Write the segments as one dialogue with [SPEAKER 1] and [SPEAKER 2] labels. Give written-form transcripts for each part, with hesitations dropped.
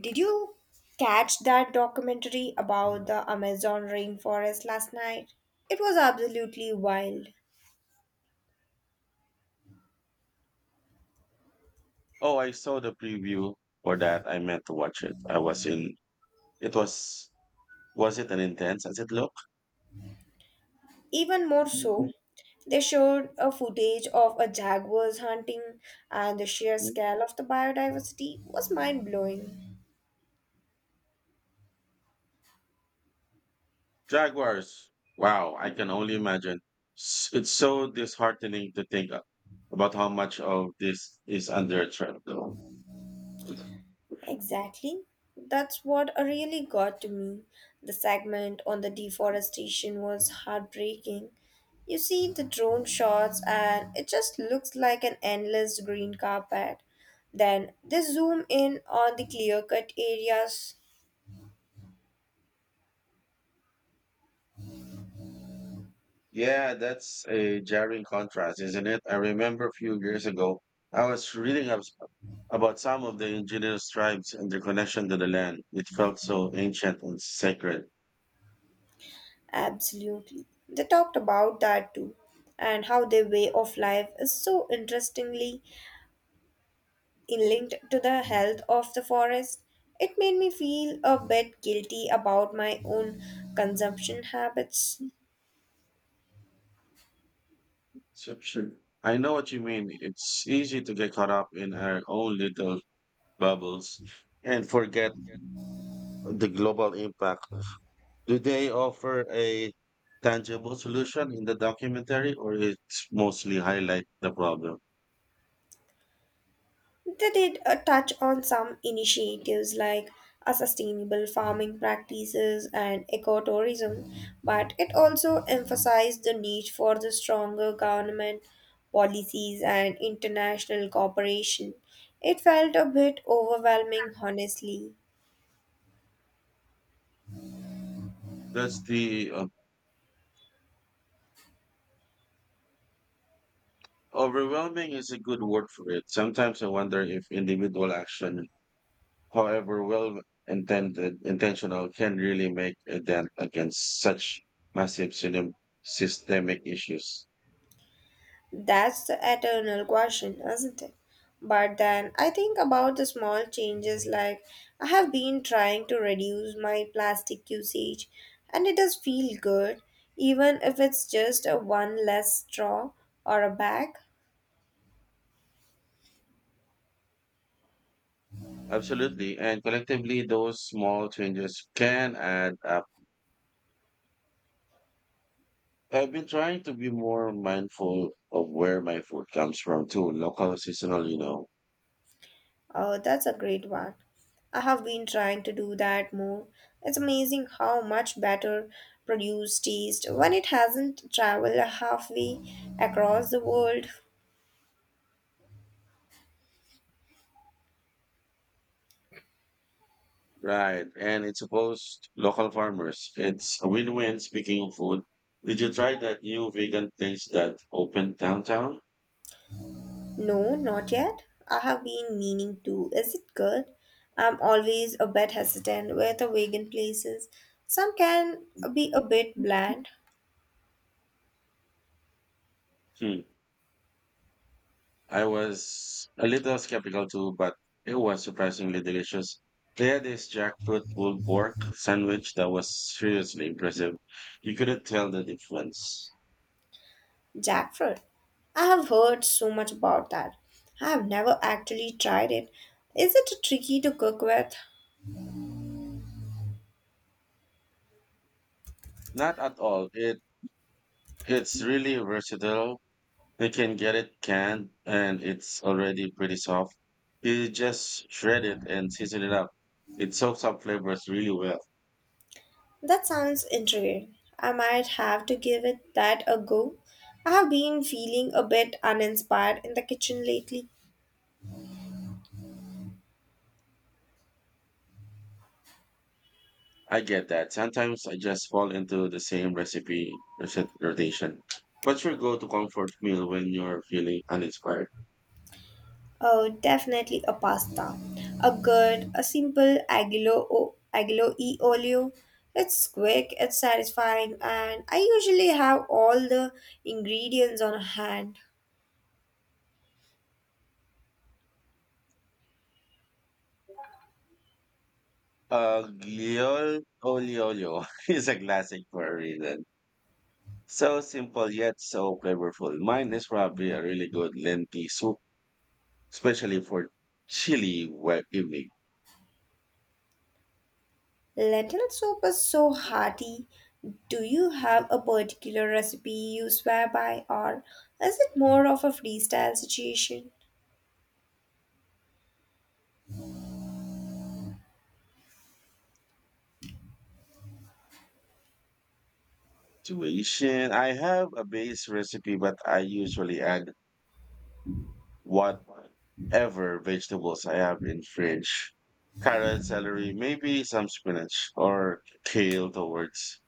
[SPEAKER 1] Did you catch that documentary about the Amazon rainforest last night? It was absolutely wild.
[SPEAKER 2] Oh, I saw the preview for that. I meant to watch it. I was in. It was. Was it an intense as it looked?
[SPEAKER 1] Even more so, they showed a footage of a jaguar's hunting and the sheer scale of the biodiversity was mind-blowing.
[SPEAKER 2] Jaguars. Wow, I can only imagine. It's so disheartening to think about how much of this is under threat, though.
[SPEAKER 1] Exactly. That's what really got to me. The segment on the deforestation was heartbreaking. You see the drone shots, and it just looks like an endless green carpet. Then they zoom in on the clear cut areas.
[SPEAKER 2] Yeah, that's a jarring contrast, isn't it? I remember a few years ago, I was reading up about some of the indigenous tribes and their connection to the land. It felt so ancient and sacred.
[SPEAKER 1] Absolutely. They talked about that too, and how their way of life is so interestingly linked to the health of the forest, it made me feel a bit guilty about my own consumption habits.
[SPEAKER 2] So sure. I know what you mean. It's easy to get caught up in our own little bubbles and forget the global impact. Do they offer a tangible solution in the documentary or it's mostly highlight the problem?
[SPEAKER 1] They did a touch on some initiatives like a sustainable farming practices and ecotourism, but it also emphasized the need for the stronger government policies and international cooperation. It felt a bit overwhelming, honestly.
[SPEAKER 2] That's the Overwhelming is a good word for it. Sometimes I wonder if individual action, however well intended, intentional, can really make a dent against such massive system, systemic issues.
[SPEAKER 1] That's the eternal question, isn't it? But then I think about the small changes like I have been trying to reduce my plastic usage and it does feel good even if it's just a one less straw or a bag.
[SPEAKER 2] Absolutely. And collectively, those small changes can add up. I've been trying to be more mindful of where my food comes from too, local, seasonal,
[SPEAKER 1] Oh, that's a great one. I have been trying to do that more. It's amazing how much better produce tastes when it hasn't traveled halfway across the world.
[SPEAKER 2] Right. And it's supposed local farmers. It's a win-win. Speaking of food, did you try that new vegan place that opened downtown?
[SPEAKER 1] No, not yet. I have been meaning to. Is it good? I'm always a bit hesitant with the vegan places. Some can be a bit bland.
[SPEAKER 2] Hmm. I was a little skeptical too, but it was surprisingly delicious. They had this jackfruit pulled pork sandwich that was seriously impressive. You couldn't tell the difference.
[SPEAKER 1] Jackfruit. I have heard so much about that. I have never actually tried it. Is it tricky to cook with?
[SPEAKER 2] Not at all. It's really versatile. You can get it canned and it's already pretty soft. You just shred it and season it up. It soaks up flavors really well.
[SPEAKER 1] That sounds intriguing. I might have to give it that a go. I have been feeling a bit uninspired in the kitchen lately.
[SPEAKER 2] I get that. Sometimes I just fall into the same rotation. What's your go-to comfort meal when you're feeling uninspired?
[SPEAKER 1] Oh, definitely a pasta. A good, a simple aglio, aglio e olio. It's quick, it's satisfying, and I usually have all the ingredients on hand.
[SPEAKER 2] Gliol olio olio is a classic for a reason. So simple yet so flavorful. Mine is probably a really good lentil soup, especially for chilly wet evening
[SPEAKER 1] Lentil soup is so hearty. Do you have a particular recipe you swear by, or is it more of a freestyle situation?
[SPEAKER 2] situation. I have a base recipe, but I usually add whatever vegetables I have in fridge. Carrot, celery, maybe some spinach or kale towards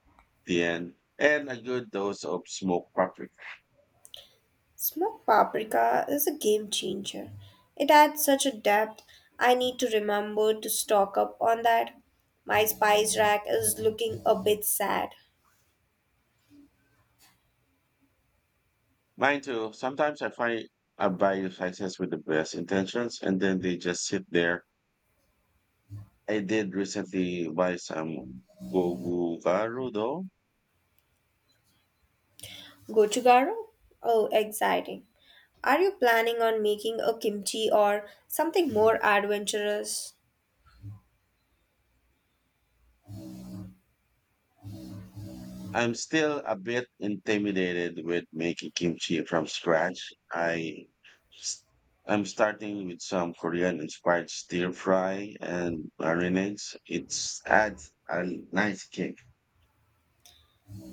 [SPEAKER 2] the end, and a good dose of smoked paprika.
[SPEAKER 1] Smoked paprika is a game changer. It adds such a depth. I need to remember to stock up on that. My spice rack is looking a bit sad.
[SPEAKER 2] Mine too. Sometimes I find I buy slices with the best intentions, and then they just sit there. I did recently buy some kogugaro though.
[SPEAKER 1] Gochugaro? Oh, exciting. Are you planning on making a kimchi or something more adventurous?
[SPEAKER 2] I'm still a bit intimidated with making kimchi from scratch. I, i s- I'm starting with some Korean inspired stir fry and marinades. It's adds a nice kick.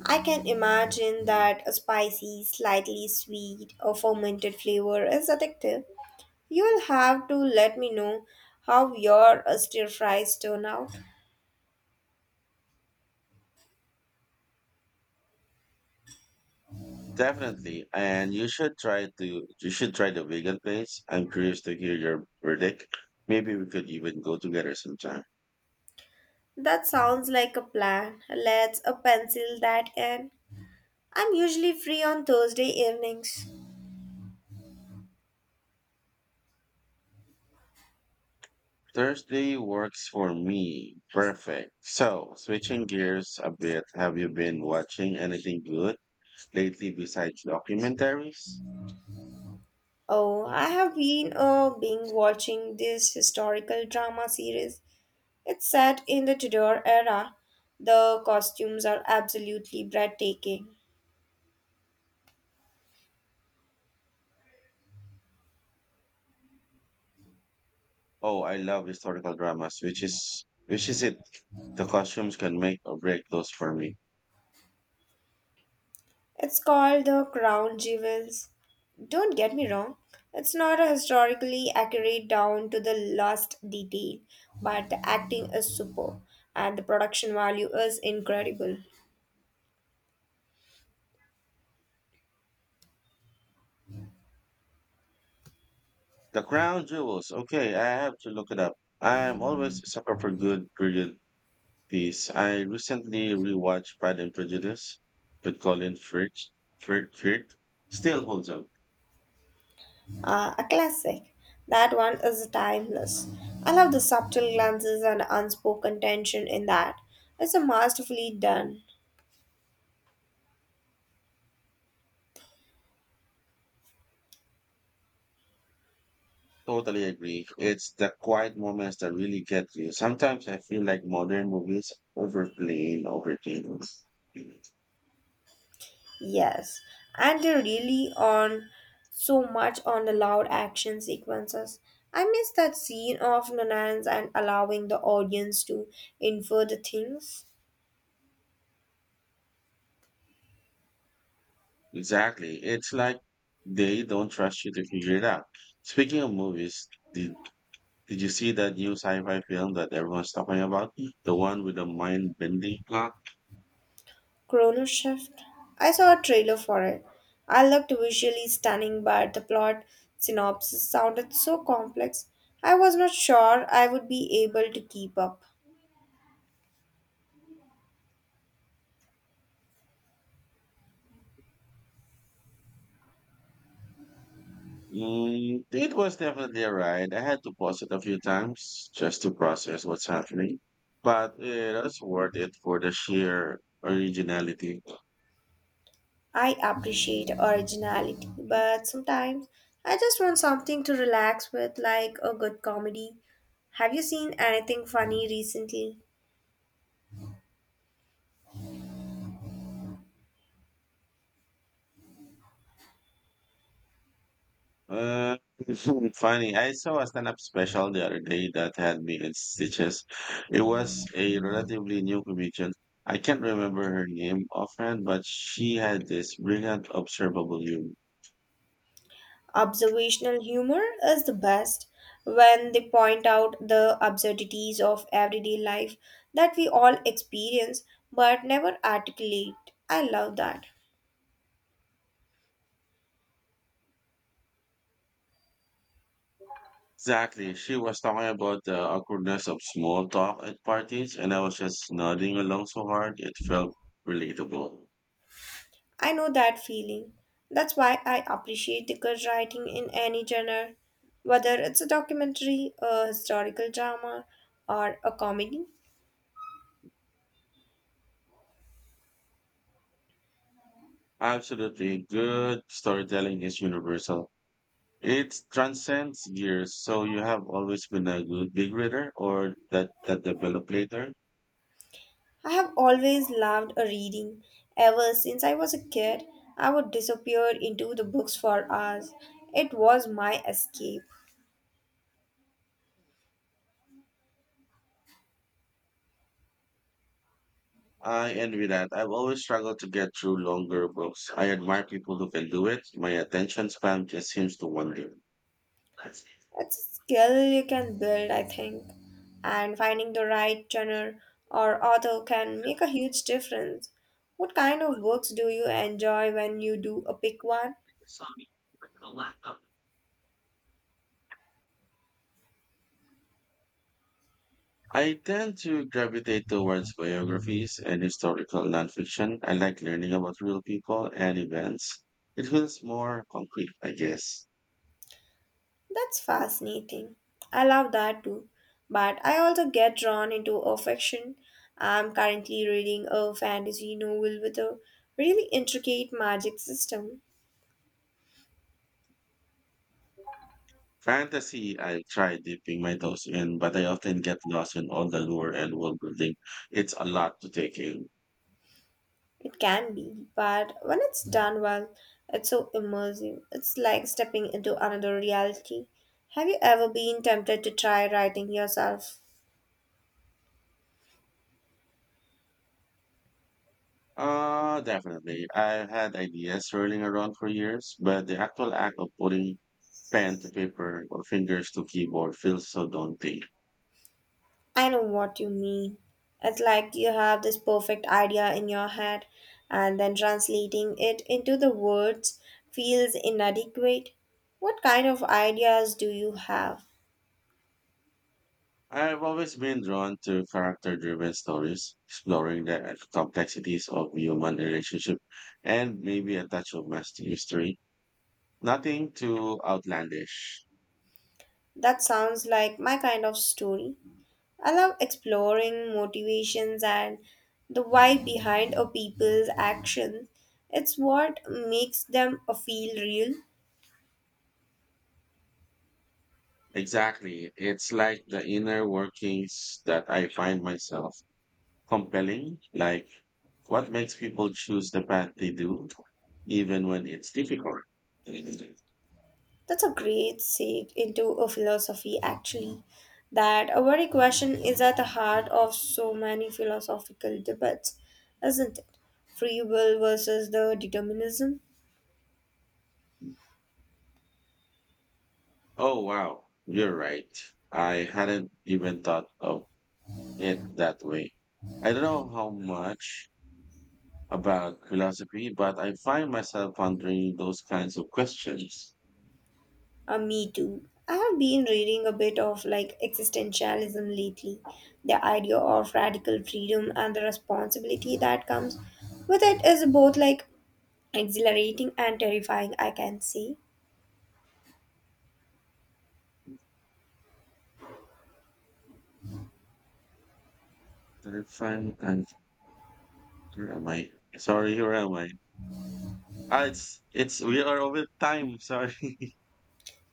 [SPEAKER 1] I can imagine that a spicy, slightly sweet, or fermented flavor is addictive. You'll have to let me know how your stir fries turn out.
[SPEAKER 2] Definitely. And you should try the vegan place. I'm curious to hear your verdict. Maybe we could even go together sometime.
[SPEAKER 1] That sounds like a plan. Let's a pencil that in. I'm usually free on Thursday evenings.
[SPEAKER 2] Thursday works for me. Perfect. So, switching gears a bit, have you been watching anything good lately besides documentaries?
[SPEAKER 1] Oh, I have been being watching this historical drama series. It's set in the Tudor era. The costumes are absolutely breathtaking.
[SPEAKER 2] Oh, I love historical dramas, which is it? The costumes can make or break those for me.
[SPEAKER 1] It's called The Crown Jewels. Don't get me wrong, it's not a historically accurate down to the last detail, but the acting is superb and the production value is incredible.
[SPEAKER 2] The Crown Jewels. Okay, I have to look it up. I am always a sucker for good period piece. I recently rewatched Pride and Prejudice with Colin Firth. Firth. Still holds up.
[SPEAKER 1] A classic. That one is timeless. I love the subtle glances and unspoken tension in that. It's a masterfully done.
[SPEAKER 2] Totally agree. It's the quiet moments that really get you. Sometimes I feel like modern movies overplay over things.
[SPEAKER 1] Yes. And they really on so much on the loud action sequences. I miss that scene of Nanans and allowing the audience to infer the things.
[SPEAKER 2] Exactly. It's like they don't trust you to figure it out. Speaking of movies, did, did you see that new sci-fi film that everyone's talking about? The one with the mind-bending plot?
[SPEAKER 1] Chrono Shift. I saw a trailer for it. I looked visually stunning, but the plot synopsis sounded so complex. I was not sure I would be able to keep up.
[SPEAKER 2] Mm, it was definitely a ride. I had to pause it a few times just to process what's happening, but it was worth it for the sheer originality.
[SPEAKER 1] I appreciate originality, but sometimes I just want something to relax with, like a good comedy. Have you seen anything funny recently?
[SPEAKER 2] Uh, funny. I saw a stand-up special the other day that had me in stitches. It was a relatively new comedian. I can't remember her name offhand, but she had this brilliant observable humor.
[SPEAKER 1] Observational humor is the best when they point out the absurdities of everyday life that we all experience but never articulate. I love that.
[SPEAKER 2] Exactly. She was talking about the awkwardness of small talk at parties, and I was just nodding along so hard, it felt relatable.
[SPEAKER 1] I know that feeling. That's why I appreciate the good writing in any genre, whether it's a documentary, a historical drama, or a comedy.
[SPEAKER 2] Absolutely. Good storytelling is universal. It transcends years, so you have always been a good big reader or that developed later.
[SPEAKER 1] I have always loved a reading. Ever since I was a kid, I would disappear into the books for hours. It was my escape.
[SPEAKER 2] I envy that. I've always struggled to get through longer books. I admire people who can do it. My attention span just seems to wander.
[SPEAKER 1] It's a skill you can build, I think. And finding the right genre or author can make a huge difference. What kind of books do you enjoy when you do a pick one?
[SPEAKER 2] I tend to gravitate towards biographies and historical nonfiction. I like learning about real people and events. It feels more concrete, I guess.
[SPEAKER 1] That's fascinating. I love that too. But I also get drawn into a fiction. I'm currently reading a fantasy novel with a really intricate magic system.
[SPEAKER 2] Fantasy, I try dipping my toes in, but I often get lost in all the lore and world building. It's a lot to take in.
[SPEAKER 1] It can be, but when it's done well, it's so immersive. It's like stepping into another reality. Have you ever been tempted to try writing yourself?
[SPEAKER 2] Definitely. I've had ideas swirling around for years, but the actual act of putting pen to paper or fingers to keyboard feels so daunting.
[SPEAKER 1] I know what you mean. It's like you have this perfect idea in your head, and then translating it into the words feels inadequate. What kind of ideas do you have?
[SPEAKER 2] I've always been drawn to character-driven stories, exploring the complexities of human relationship and maybe a touch of master history. Nothing too outlandish.
[SPEAKER 1] That sounds like my kind of story. I love exploring motivations and the why behind a people's actions. It's what makes them feel real.
[SPEAKER 2] Exactly. It's like the inner workings that I find myself compelling, like what makes people choose the path they do, even when it's difficult.
[SPEAKER 1] That's a great segue into a philosophy, actually. That a very question is at the heart of so many philosophical debates, isn't it? Free will versus the determinism?
[SPEAKER 2] Oh, wow. You're right. I hadn't even thought of it that way. I don't know how much about philosophy, but I find myself pondering those kinds of questions.
[SPEAKER 1] Me too. I have been reading a bit of like existentialism lately, the idea of radical freedom and the responsibility that comes with it is both like exhilarating and terrifying, I can say.
[SPEAKER 2] Did I find and where am I? Sorry, where am I? Ah, it's we are over time. Sorry.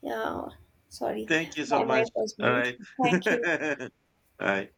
[SPEAKER 1] Yeah, sorry,
[SPEAKER 2] Thank you so
[SPEAKER 1] my
[SPEAKER 2] much.
[SPEAKER 1] mic was
[SPEAKER 2] All
[SPEAKER 1] mute.
[SPEAKER 2] right.
[SPEAKER 1] Thank you.
[SPEAKER 2] All right.